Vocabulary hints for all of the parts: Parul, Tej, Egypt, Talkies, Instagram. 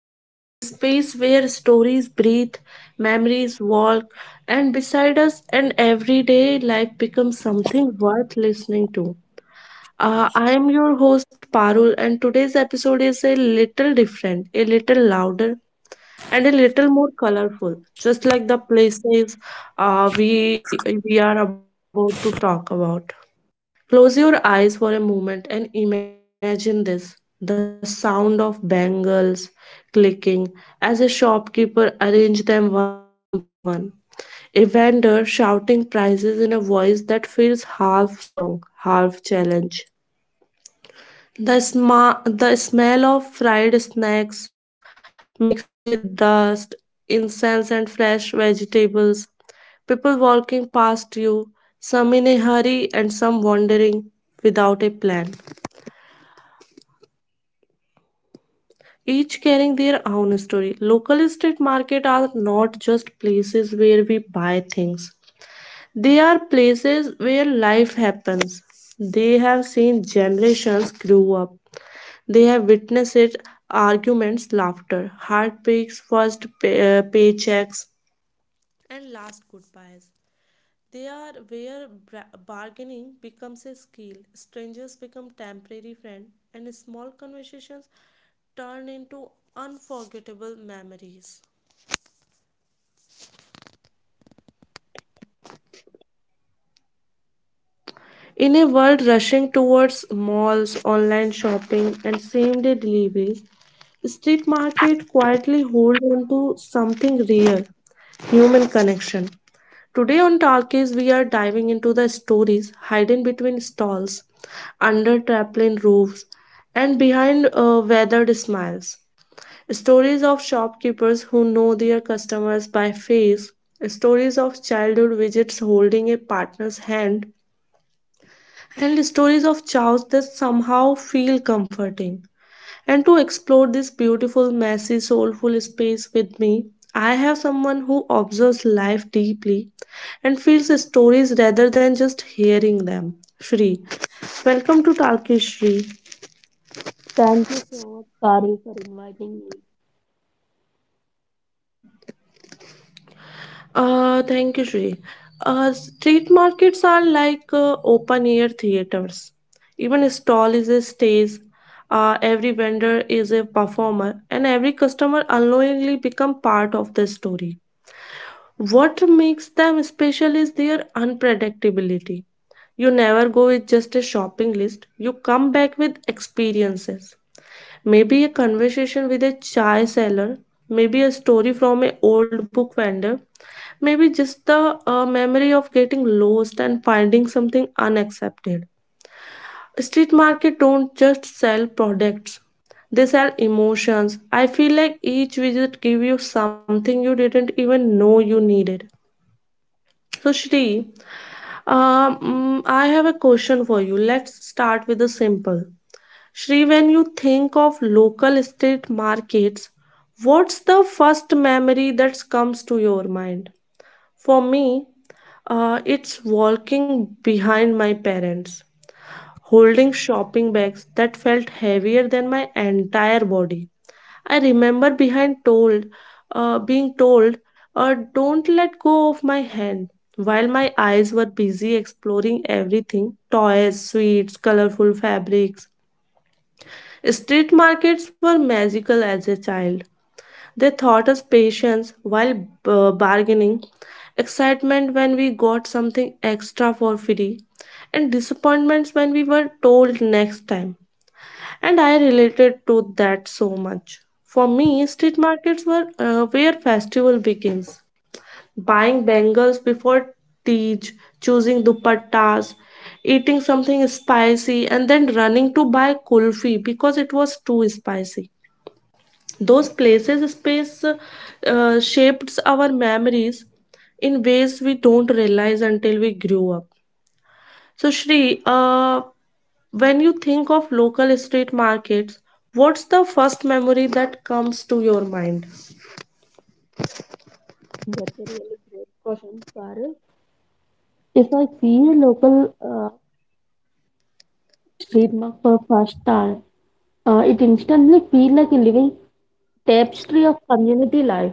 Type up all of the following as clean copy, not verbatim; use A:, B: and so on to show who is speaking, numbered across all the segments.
A: Keys, a space where stories breathe, memories walk, and beside us, and everyday life becomes something worth listening to. I am your host Parul, and today's episode is a little different, a little louder, and a little more colorful, just like the places we are about to talk about. Close your eyes for a moment and imagine this, the sound of bangles clicking as a shopkeeper arranged them one by one. A vendor shouting prices in a voice that feels half song, half challenge. The smell of fried snacks mixing with dust, incense, and fresh vegetables. People walking past you, some in a hurry and some wandering without a plan, each carrying their own story. Local street market are not just places where we buy things. They are places where life happens. They have seen generations grow up. They have witnessed arguments, laughter, heartbreaks, paychecks, and last goodbyes. They are where bargaining becomes a skill, strangers become temporary friends, and small conversations turn into unforgettable memories. In a world rushing towards malls, online shopping, and same day deliveries, street market quietly hold on to something real, human connection. Today on Talkies, we are diving into the stories hidden between stalls, under tarpaulin roofs, and behind weathered smiles. Stories of shopkeepers who know their customers by face, stories of childhood visits holding a partner's hand, and stories of chows that somehow feel comforting. And to explore this beautiful, messy, soulful space with me, I have someone who observes life deeply and feels stories rather than just hearing them. Shri, welcome to Turkish Shri.
B: Thank you so much, Parul, for inviting me.
A: Thank you, Shri. Street markets are like open air theaters. Even a stall is a stage. Every vendor is a performer, and every customer unknowingly become part of the story. What makes them special is their unpredictability. You never go with just a shopping list, you come back with experiences. Maybe a conversation with a chai seller, maybe a story from an old book vendor, maybe just the memory of getting lost and finding something unaccepted. Street market don't just sell products, they sell emotions. I feel like each visit give you something you didn't even know you needed. So Shri, I have a question for you. Let's start with the simple. Shri, when you think of local street markets, what's the first memory that comes to your mind? For me, it's walking behind my parents, holding shopping bags that felt heavier than my entire body. I remember being told, don't let go of my hand. While my eyes were busy exploring everything, toys, sweets, colorful fabrics. Street markets were magical as a child. They taught us patience while bargaining, excitement when we got something extra for free, and disappointments when we were told next time, and I related to that so much. For me, street markets were where festival begins. Buying bangles before Tej, choosing dupattas, eating something spicy, and then running to buy kulfi because it was too spicy. Those places space Shaped our memories in ways we don't realize until we grew up. So, Shri, when you think of local street markets, what's the first memory that comes to your mind?
B: That's a really great question, Parul. If I see a local street mark for first time, it instantly feels like a living tapestry of community life.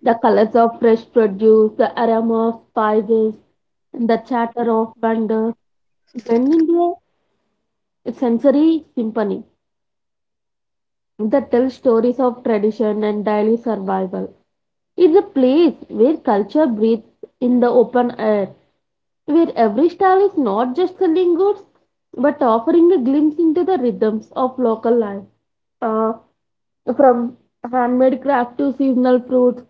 B: The colors of fresh produce, the aroma of spices, and the chatter of vendors blend into a sensory symphony that tells stories of tradition and daily survival. It's a place where culture breathes in the open air where every style is not just selling goods but offering a glimpse into the rhythms of local life. Uh, from handmade craft to seasonal fruits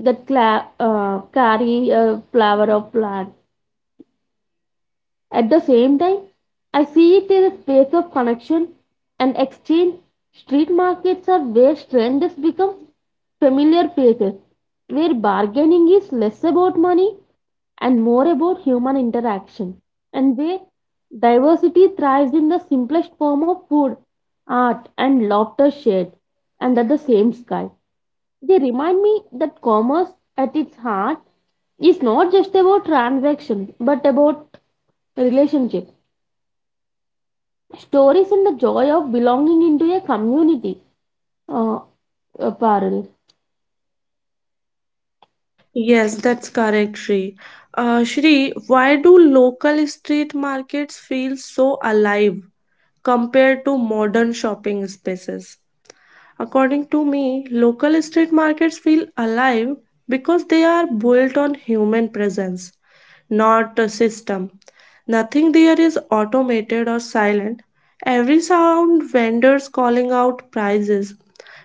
B: that carry a flower of plant. At the same time, I see it as a space of connection and exchange. Street markets are where strangers become familiar places, where bargaining is less about money and more about human interaction, and where diversity thrives in the simplest form of food, art, and laughter shared under the same sky. They remind me that commerce at its heart is not just about transactions but about relationships, stories, and the joy of belonging into a community. Uh, Apparel.
A: Yes, that's correct, Shri. Shri, why do local street markets feel so alive compared to modern shopping spaces? According to me, local street markets feel alive because they are built on human presence, not a system. Nothing there is automated or silent. Every sound, vendors calling out prices,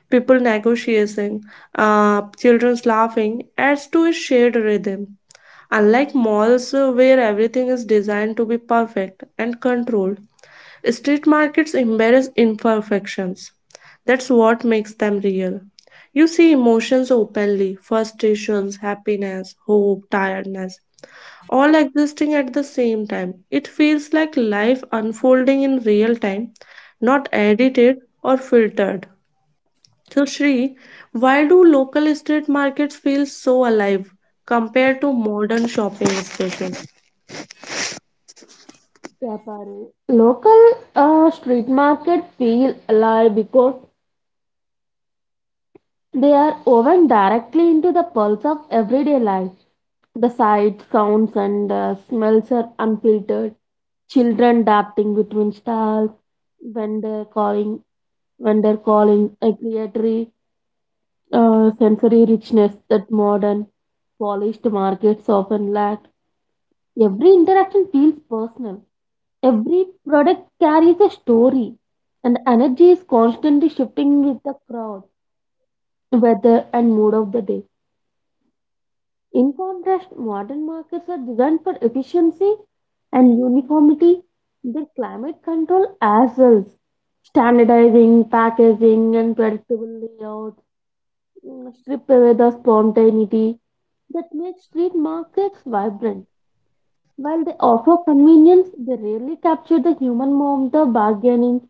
A: people negotiating, children's laughing adds to a shared rhythm. Unlike malls where everything is designed to be perfect and controlled, street markets embrace imperfections. That's what makes them real. You see emotions openly, frustrations, happiness, hope, tiredness, all existing at the same time. It feels like life unfolding in real time, not edited or filtered. So, Shri, why do local street markets feel so alive compared to modern shopping spaces?
B: Apparel. Local street markets feel alive because they are woven directly into the pulse of everyday life. The sights, sounds, and smells are unfiltered. Children darting between stalls, vendor calling when they're calling a creatory sensory richness that modern polished markets often lack. Every interaction feels personal. Every product carries a story, and energy is constantly shifting with the crowd, weather, and mood of the day. In contrast, modern markets are designed for efficiency and uniformity. Their climate control as well, standardizing, packaging, and predictable layout strip away the spontaneity that makes street markets vibrant. While they offer convenience, they rarely capture the human warmth, the bargaining,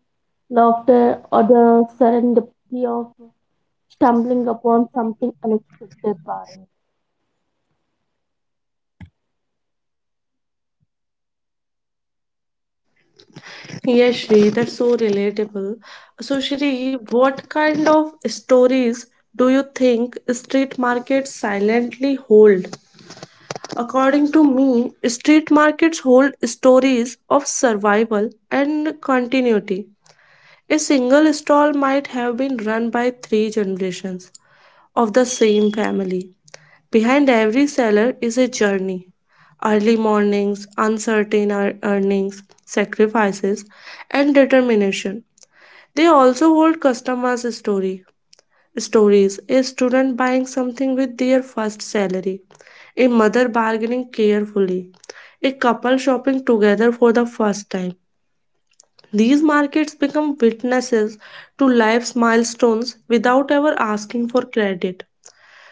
B: laughter, or the serendipity of stumbling upon something unexpected. Parul.
A: Yes, Shri, that's so relatable. So, Shri, what kind of stories do you think street markets silently hold? According to me, street markets hold stories of survival and continuity. A single stall might have been run by three generations of the same family. Behind every seller is a journey. Early mornings, earnings, sacrifices, and determination. They also hold customers' story stories. A student buying something with their first salary. A mother bargaining carefully. A couple shopping together for the first time. These markets become witnesses to life's milestones without ever asking for credit.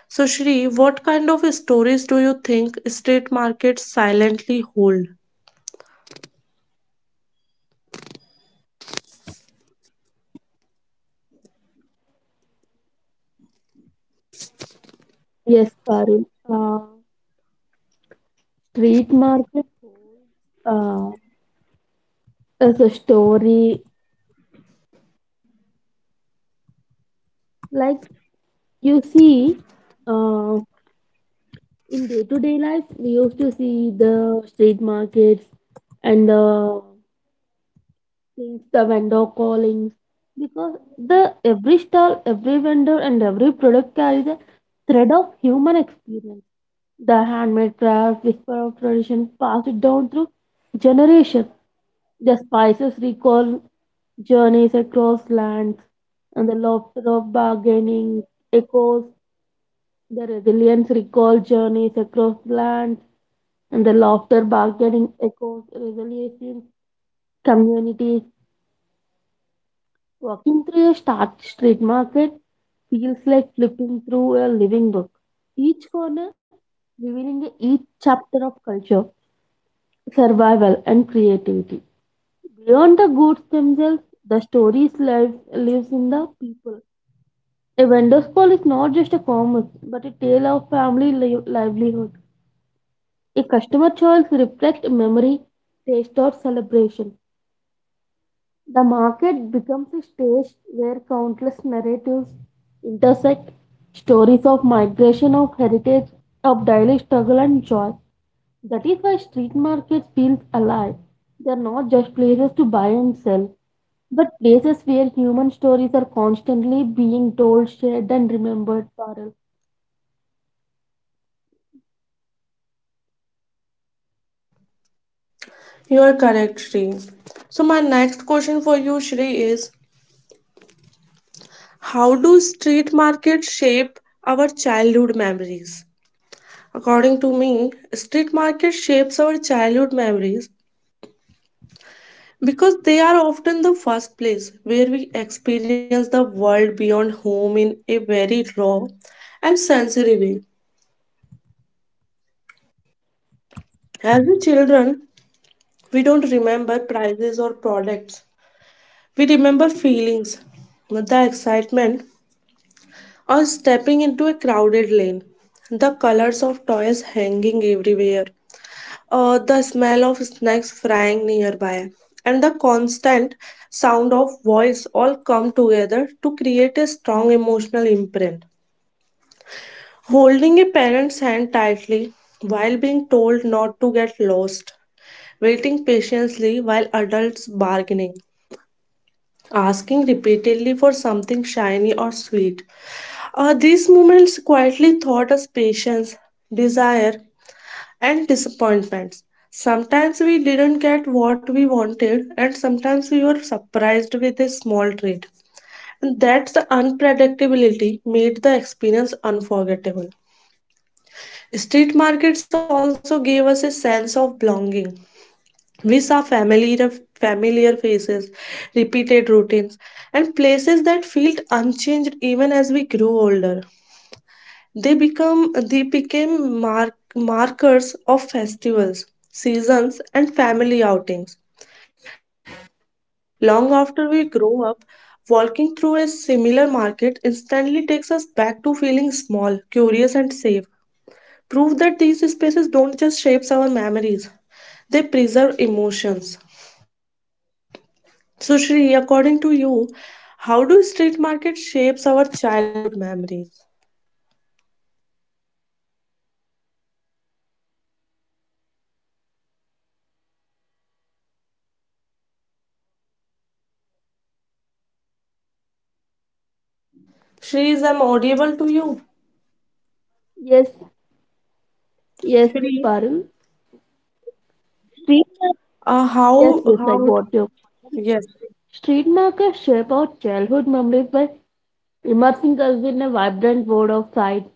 A: So, Shri, what kind of stories do you think street markets silently hold?
B: Yes, Parul. Street market holds as a story. Like you see, uh, in day to day life, we used to see the street markets and things, the vendor callings because the every stall, every vendor and every product carries a thread of human experience. The handmade craft, whisper of tradition passed down through generations. The spices recall journeys across lands and the laughter of bargaining echoes. The resilience recall journeys across lands and the laughter bargaining echoes resilience in communities. Walking through a start street market feels like flipping through a living book, each corner revealing each chapter of culture, survival, and creativity. Beyond the goods themselves, the stories lives in the people. A vendor's call is not just a commerce, but a tale of family livelihood. A customer choice reflects memory, taste, or celebration. The market becomes a stage where countless narratives intersect stories of migration, of heritage, of daily struggle and joy. That is why street market feels alive. They are not just places to buy and sell, but places where human stories are constantly being told, shared, and remembered. Parul.
A: You are correct, Shri. So, my next question for you, Shri, is, how do street markets shape our childhood memories? According to me, street market shapes our childhood memories because they are often the first place where we experience the world beyond home in a very raw and sensory way. As a children, we don't remember prices or products. We remember feelings, the excitement or stepping into a crowded lane, the colors of toys hanging everywhere, the smell of snacks frying nearby, and the constant sound of voice all come together to create a strong emotional imprint. Holding a parent's hand tightly while being told not to get lost, waiting patiently while adults bargaining, asking repeatedly for something shiny or sweet. These moments quietly taught us patience, desire, and disappointments. Sometimes we didn't get what we wanted, and sometimes we were surprised with a small treat. And that's the unpredictability made the experience unforgettable. Street markets also gave us a sense of belonging. We saw familiar faces, repeated routines, and places that felt unchanged even as we grew older. They became markers of festivals, seasons, and family outings. Long after we grow up, walking through a similar market instantly takes us back to feeling small, curious, and safe. Proof that these spaces don't just shape our memories, they preserve emotions. So, Shri, according to you, how do street markets shapes our childhood memories? Shri, is I'm audible to you?
B: Yes, yes,
A: Shri,
B: Parul. Street market.
A: uh,
B: Yes,
A: how
B: yes, I
A: how
B: got you.
A: Yes,
B: Street markets shape our childhood memories by immersing us in a vibrant world of sights,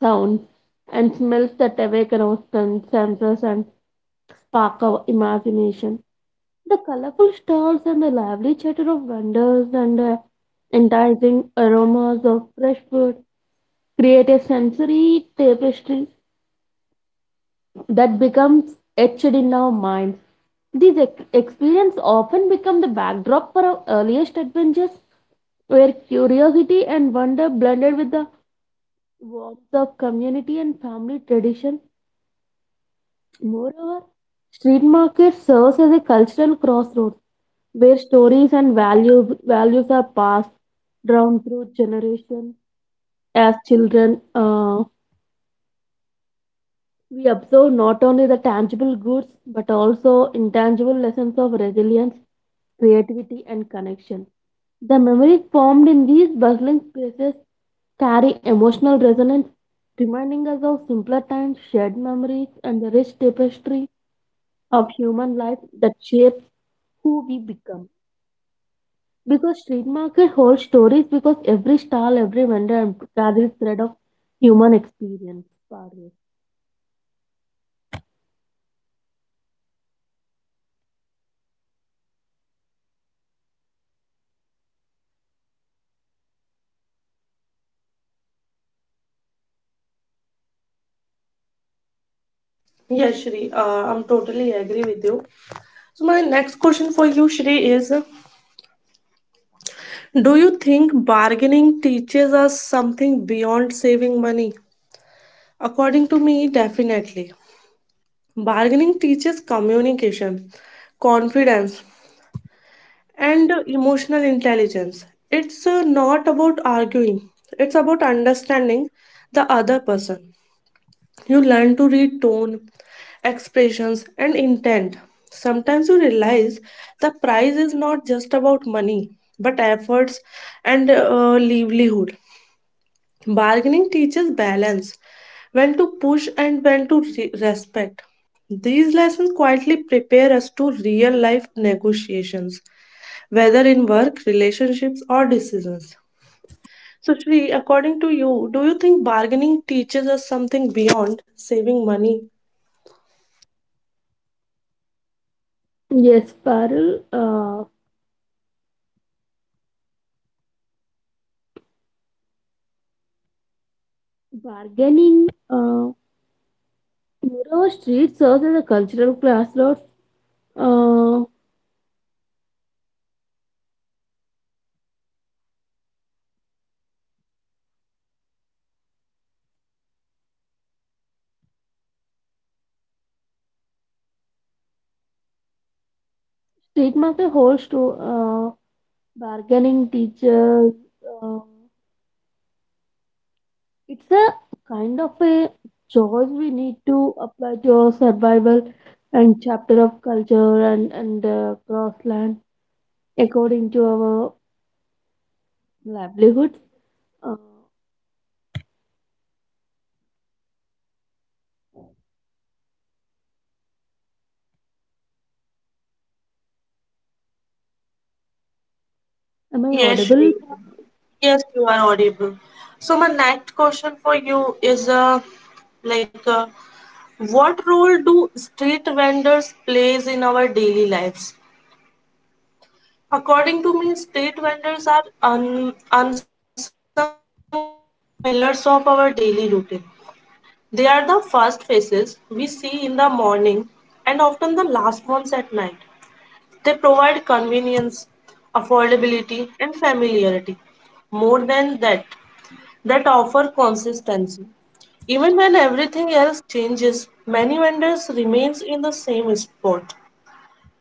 B: sounds, and smells that awaken our senses and spark our imagination. The colorful stalls and the lively chatter of vendors and the enticing aromas of fresh food create a sensory tapestry that becomes etched in our minds. These experiences often become the backdrop for our earliest adventures, where curiosity and wonder blended with the warmth of community and family tradition. Moreover, street market serves as a cultural crossroads where stories and values are passed down through generations. As children, we observe not only the tangible goods but also intangible lessons of resilience, creativity, and connection. The memories formed in these bustling spaces carry emotional resonance, reminding us of simpler times, shared memories, and the rich tapestry of human life that shapes who we become. Because street market holds stories, because every stall, every vendor carries thread of human experience. Parul.
A: yes, Shri. I'm totally agree with you. So my next question for you, Shri, is: do you think bargaining teaches us something beyond saving money? According to me, definitely. Bargaining teaches communication, confidence, and emotional intelligence. It's not about arguing; it's about understanding the other person. You learn to read tone, expressions, and intent. Sometimes you realize the prize is not just about money, but efforts and livelihood. Bargaining teaches balance, when to push and when to respect. These lessons quietly prepare us to real life negotiations, whether in work, relationships, or decisions. So, Shri, according to you, do you think bargaining teaches us something beyond saving money?
B: Yes, Parul, bargaining. Moreover, street serves as a cultural crossroads. Uh, Street market holds to bargaining teachers. Uh, It's a kind of a choice we need to apply to our survival and chapter of culture and cross according to our livelihoods. Uh, am I
A: Yes,
B: audible?
A: Shri. Yes, you are audible. So my next question for you is, like uh, what role do street vendors plays in our daily lives? According to me, street vendors are un unsung pillars of our daily routine. They are the first faces we see in the morning and often the last ones at night. They provide convenience, affordability, and familiarity. More than that, that offer consistency. Even when everything else changes, many vendors remains in the same spot,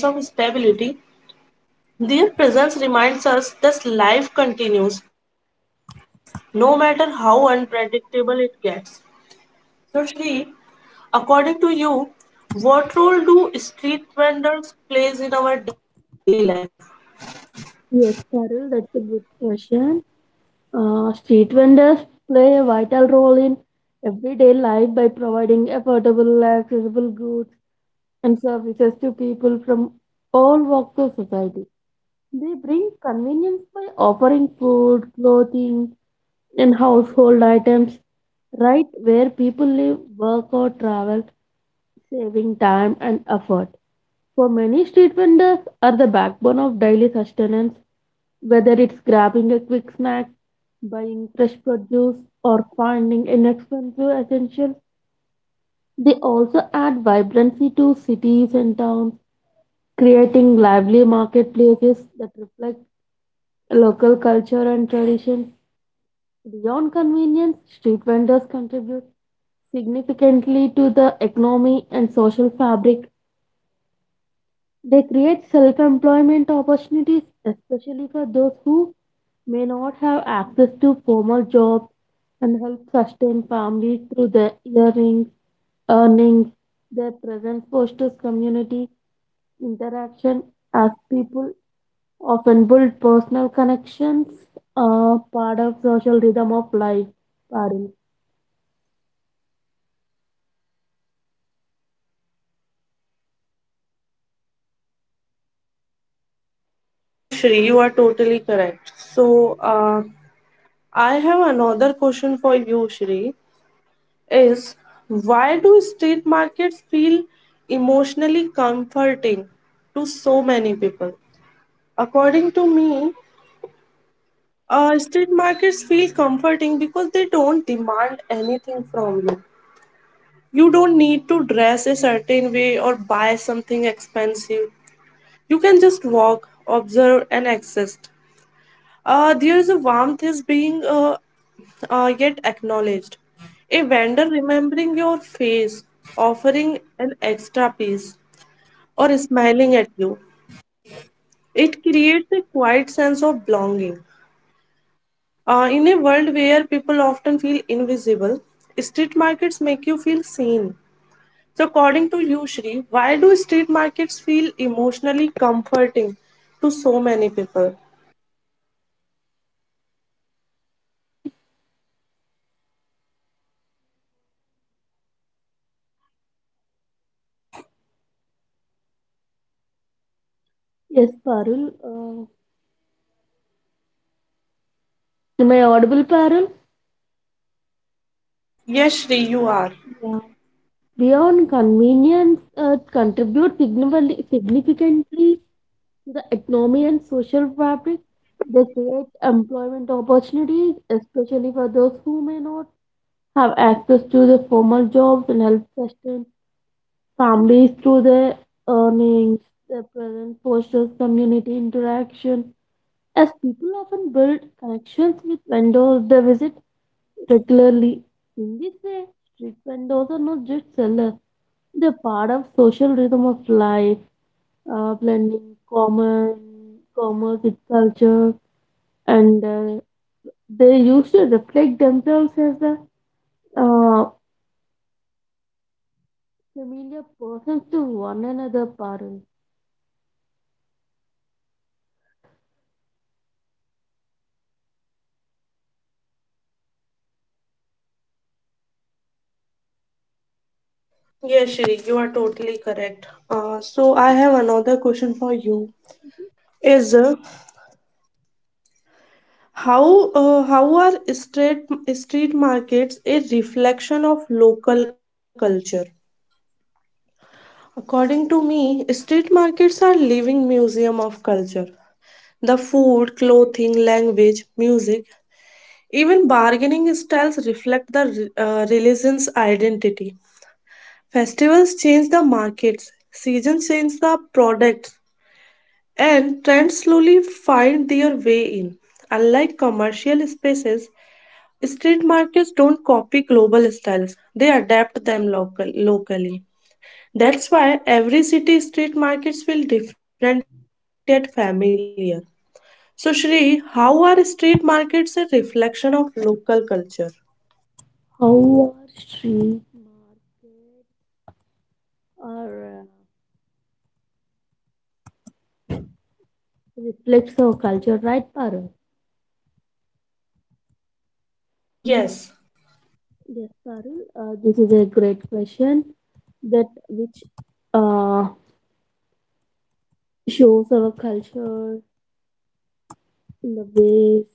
A: creating a sense of stability. Their presence reminds us that life continues, no matter how unpredictable it gets. So, Shri, according to you, what role do street vendors plays in our daily life?
B: Yes, Carol, that's a good question. Street vendors play a vital role in everyday life by providing affordable, accessible goods and services to people from all walks of society. They bring convenience by offering food, clothing, and household items right where people live, work, or travel, saving time and effort. For many, street vendors are the backbone of daily sustenance, whether it's grabbing a quick snack, buying fresh produce, or finding inexpensive essentials. They also add vibrancy to cities and towns, creating lively marketplaces that reflect local culture and traditions. Beyond convenience, street vendors contribute significantly to the economy and social fabric. They create self employment opportunities, especially for those who may not have access to formal jobs, and help sustain families through their earnings. Their presence fosters community interaction as people often build personal connections, part of social rhythm of life. Parul.
A: Yes, Shri, you are totally correct. So, I have another question for you, Shri, is, why do street markets feel emotionally comforting to so many people? According to me, street markets feel comforting because they don't demand anything from you. You don't need to dress a certain way or buy something expensive. You can just walk, observe, and exist. There is a warmth is being yet acknowledged. A vendor remembering your face, offering an extra piece, or smiling at you. It creates a quiet sense of belonging. In a world where people often feel invisible, street markets make you feel seen. So, according to you, Shri, why do street markets feel emotionally comforting to so many people?
B: Yes, Parul. Am I audible, Parul?
A: Yes, Shri, you are.
B: Yeah. Beyond convenience, contribute significantly to the economy and social fabric. They create employment opportunities, especially for those who may not have access to the formal jobs and help sustain families through their earnings. They present social community interaction. As people often build connections with vendors they visit regularly. In this way, street vendors are not just sellers, they're part of social rhythm of life, blending common commerce with culture, and they used to reflect themselves as the uh, familiar persons to one another parents.
A: Yes, Shri, you are totally correct. So I have another question for you, is how are street markets a reflection of local culture? According to me, street markets are living museum of culture. The food, clothing, language, music, even bargaining styles reflect the religion's identity. Festivals change the markets, seasons change the products, and trends slowly find their way in. Unlike commercial spaces, street markets don't copy global styles, they adapt them locally. That's why every city street markets feel different yet familiar. So, Shri, how are street markets a reflection of local culture?
B: How our street market or reflects our culture, right, Parul?
A: Yes.
B: Yes, Parul. This is a great question that which uh, shows our culture in the ways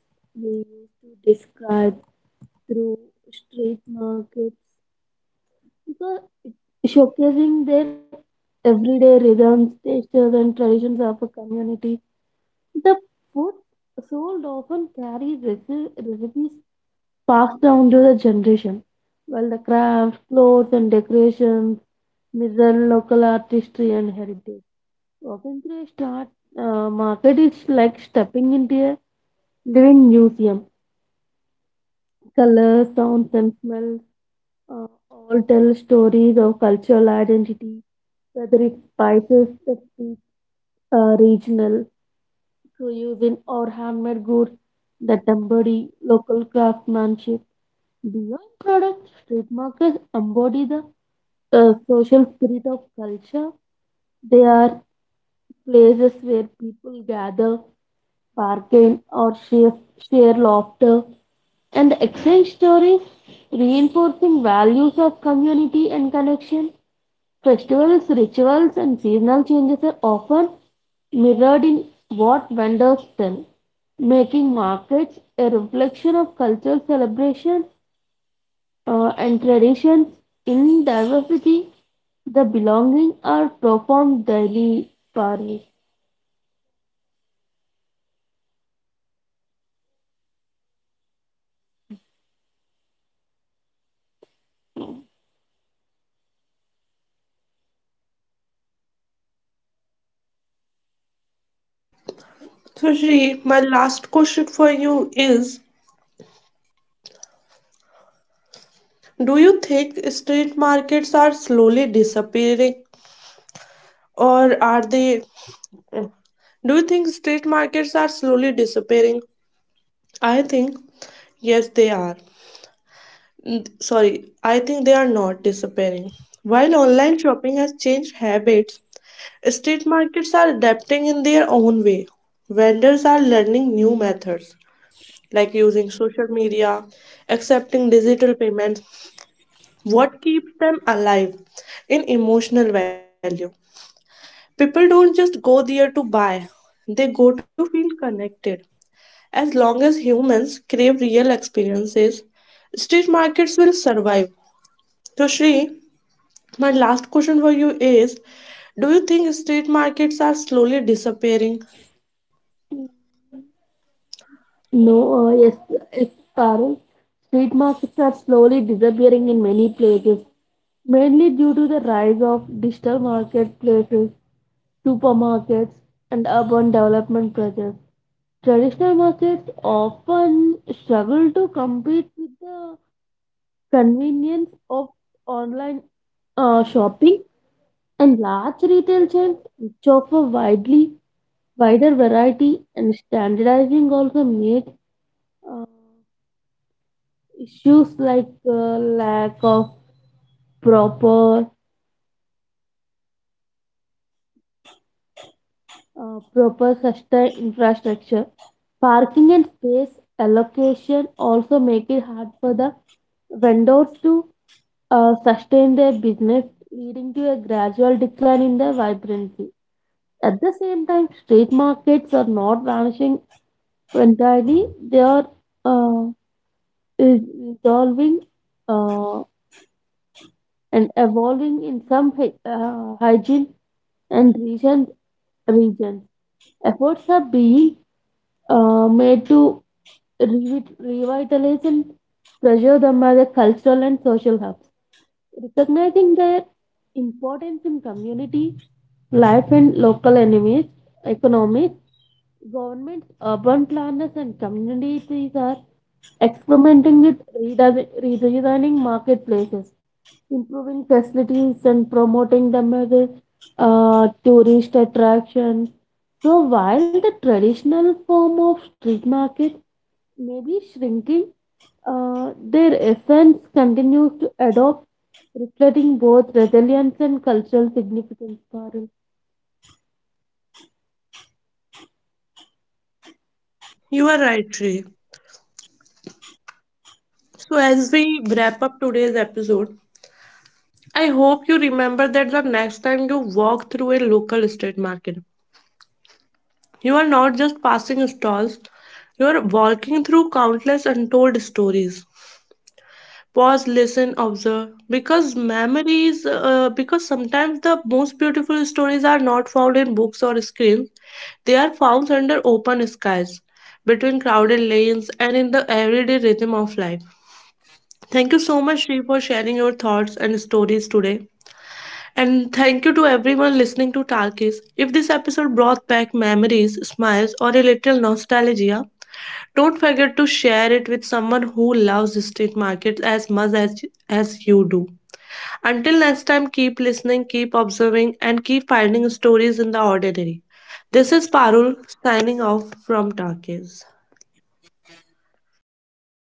B: we used to describe through street markets because showcasing their everyday rhythms, textures, and traditions of a community. The food sold often carries recipes passed down to the generation, while the crafts, clothes, and decorations mirror local artistry and heritage. Walking through a start market is like stepping into a living museum. Colors, sounds, and smells all tell stories of cultural identity, whether it's spices that speak regional, cuisine, or handmade goods that embody local craftsmanship. Beyond products, street markets embody the social spirit of culture. They are places where people gather, bargain, or share laughter and exchange stories, reinforcing values of community and connection. Festivals, rituals, and seasonal changes are often mirrored in what vendors sell, making markets a reflection of cultural celebration and traditions. In diversity, the belonging are performed daily, Parvez.
A: So, Shri, my last question for you is, do you think street markets are slowly disappearing, or are they? Do you think street markets are slowly disappearing? I think yes, they are. Sorry, I think they are not disappearing. While online shopping has changed habits, street markets are adapting in their own way. Vendors are learning new methods like using social media, accepting digital payments. What keeps them alive in emotional value? People don't just go there to buy, they go to feel connected. As long as humans crave real experiences, street markets will survive. So, Shri, my last question for you is, do you think street markets are slowly disappearing?
B: No, yes, yes, Parul. Street markets are slowly disappearing in many places, mainly due to the rise of digital marketplaces, supermarkets, and urban development projects. Traditional markets often struggle to compete with the convenience of online shopping and large retail chains, which offer widely wider variety and standardizing also made. uh, Issues like lack of proper proper sustained infrastructure parking and space allocation also make it hard for the vendors to sustain their business leading to a gradual decline in their vibrancy. At the same time street markets are not vanishing entirely. They are uh, is- evolving uh, and evolving in some hygiene and regions. Efforts are being made to revitalize and preserve them as a cultural and social hubs, recognizing their importance in community life and local economies. Governments, urban planners, and communities are experimenting with redesigning marketplaces improving facilities and promoting them as a tourist attraction. So while the traditional form of street market may be shrinking, their essence continues to adopt, reflecting both resilience and cultural significance. Parul.
A: You are right, Tree. So, as we wrap up today's episode, I hope you remember that the next time you walk through a local street market, you are not just passing stalls, you are walking through countless untold stories. Pause, listen, observe, because memories because sometimes the most beautiful stories are not found in books or screens, they are found under open skies, between crowded lanes and in the everyday rhythm of life. Thank you so much, Shri, for sharing your thoughts and stories today, and thank you to everyone listening to Talkies. If this episode brought back memories, smiles, or a little nostalgia, don't forget to share it with someone who loves street markets as you do. Until next time, keep listening, keep observing, and keep finding stories in the ordinary. This is Parul signing off from Talkies.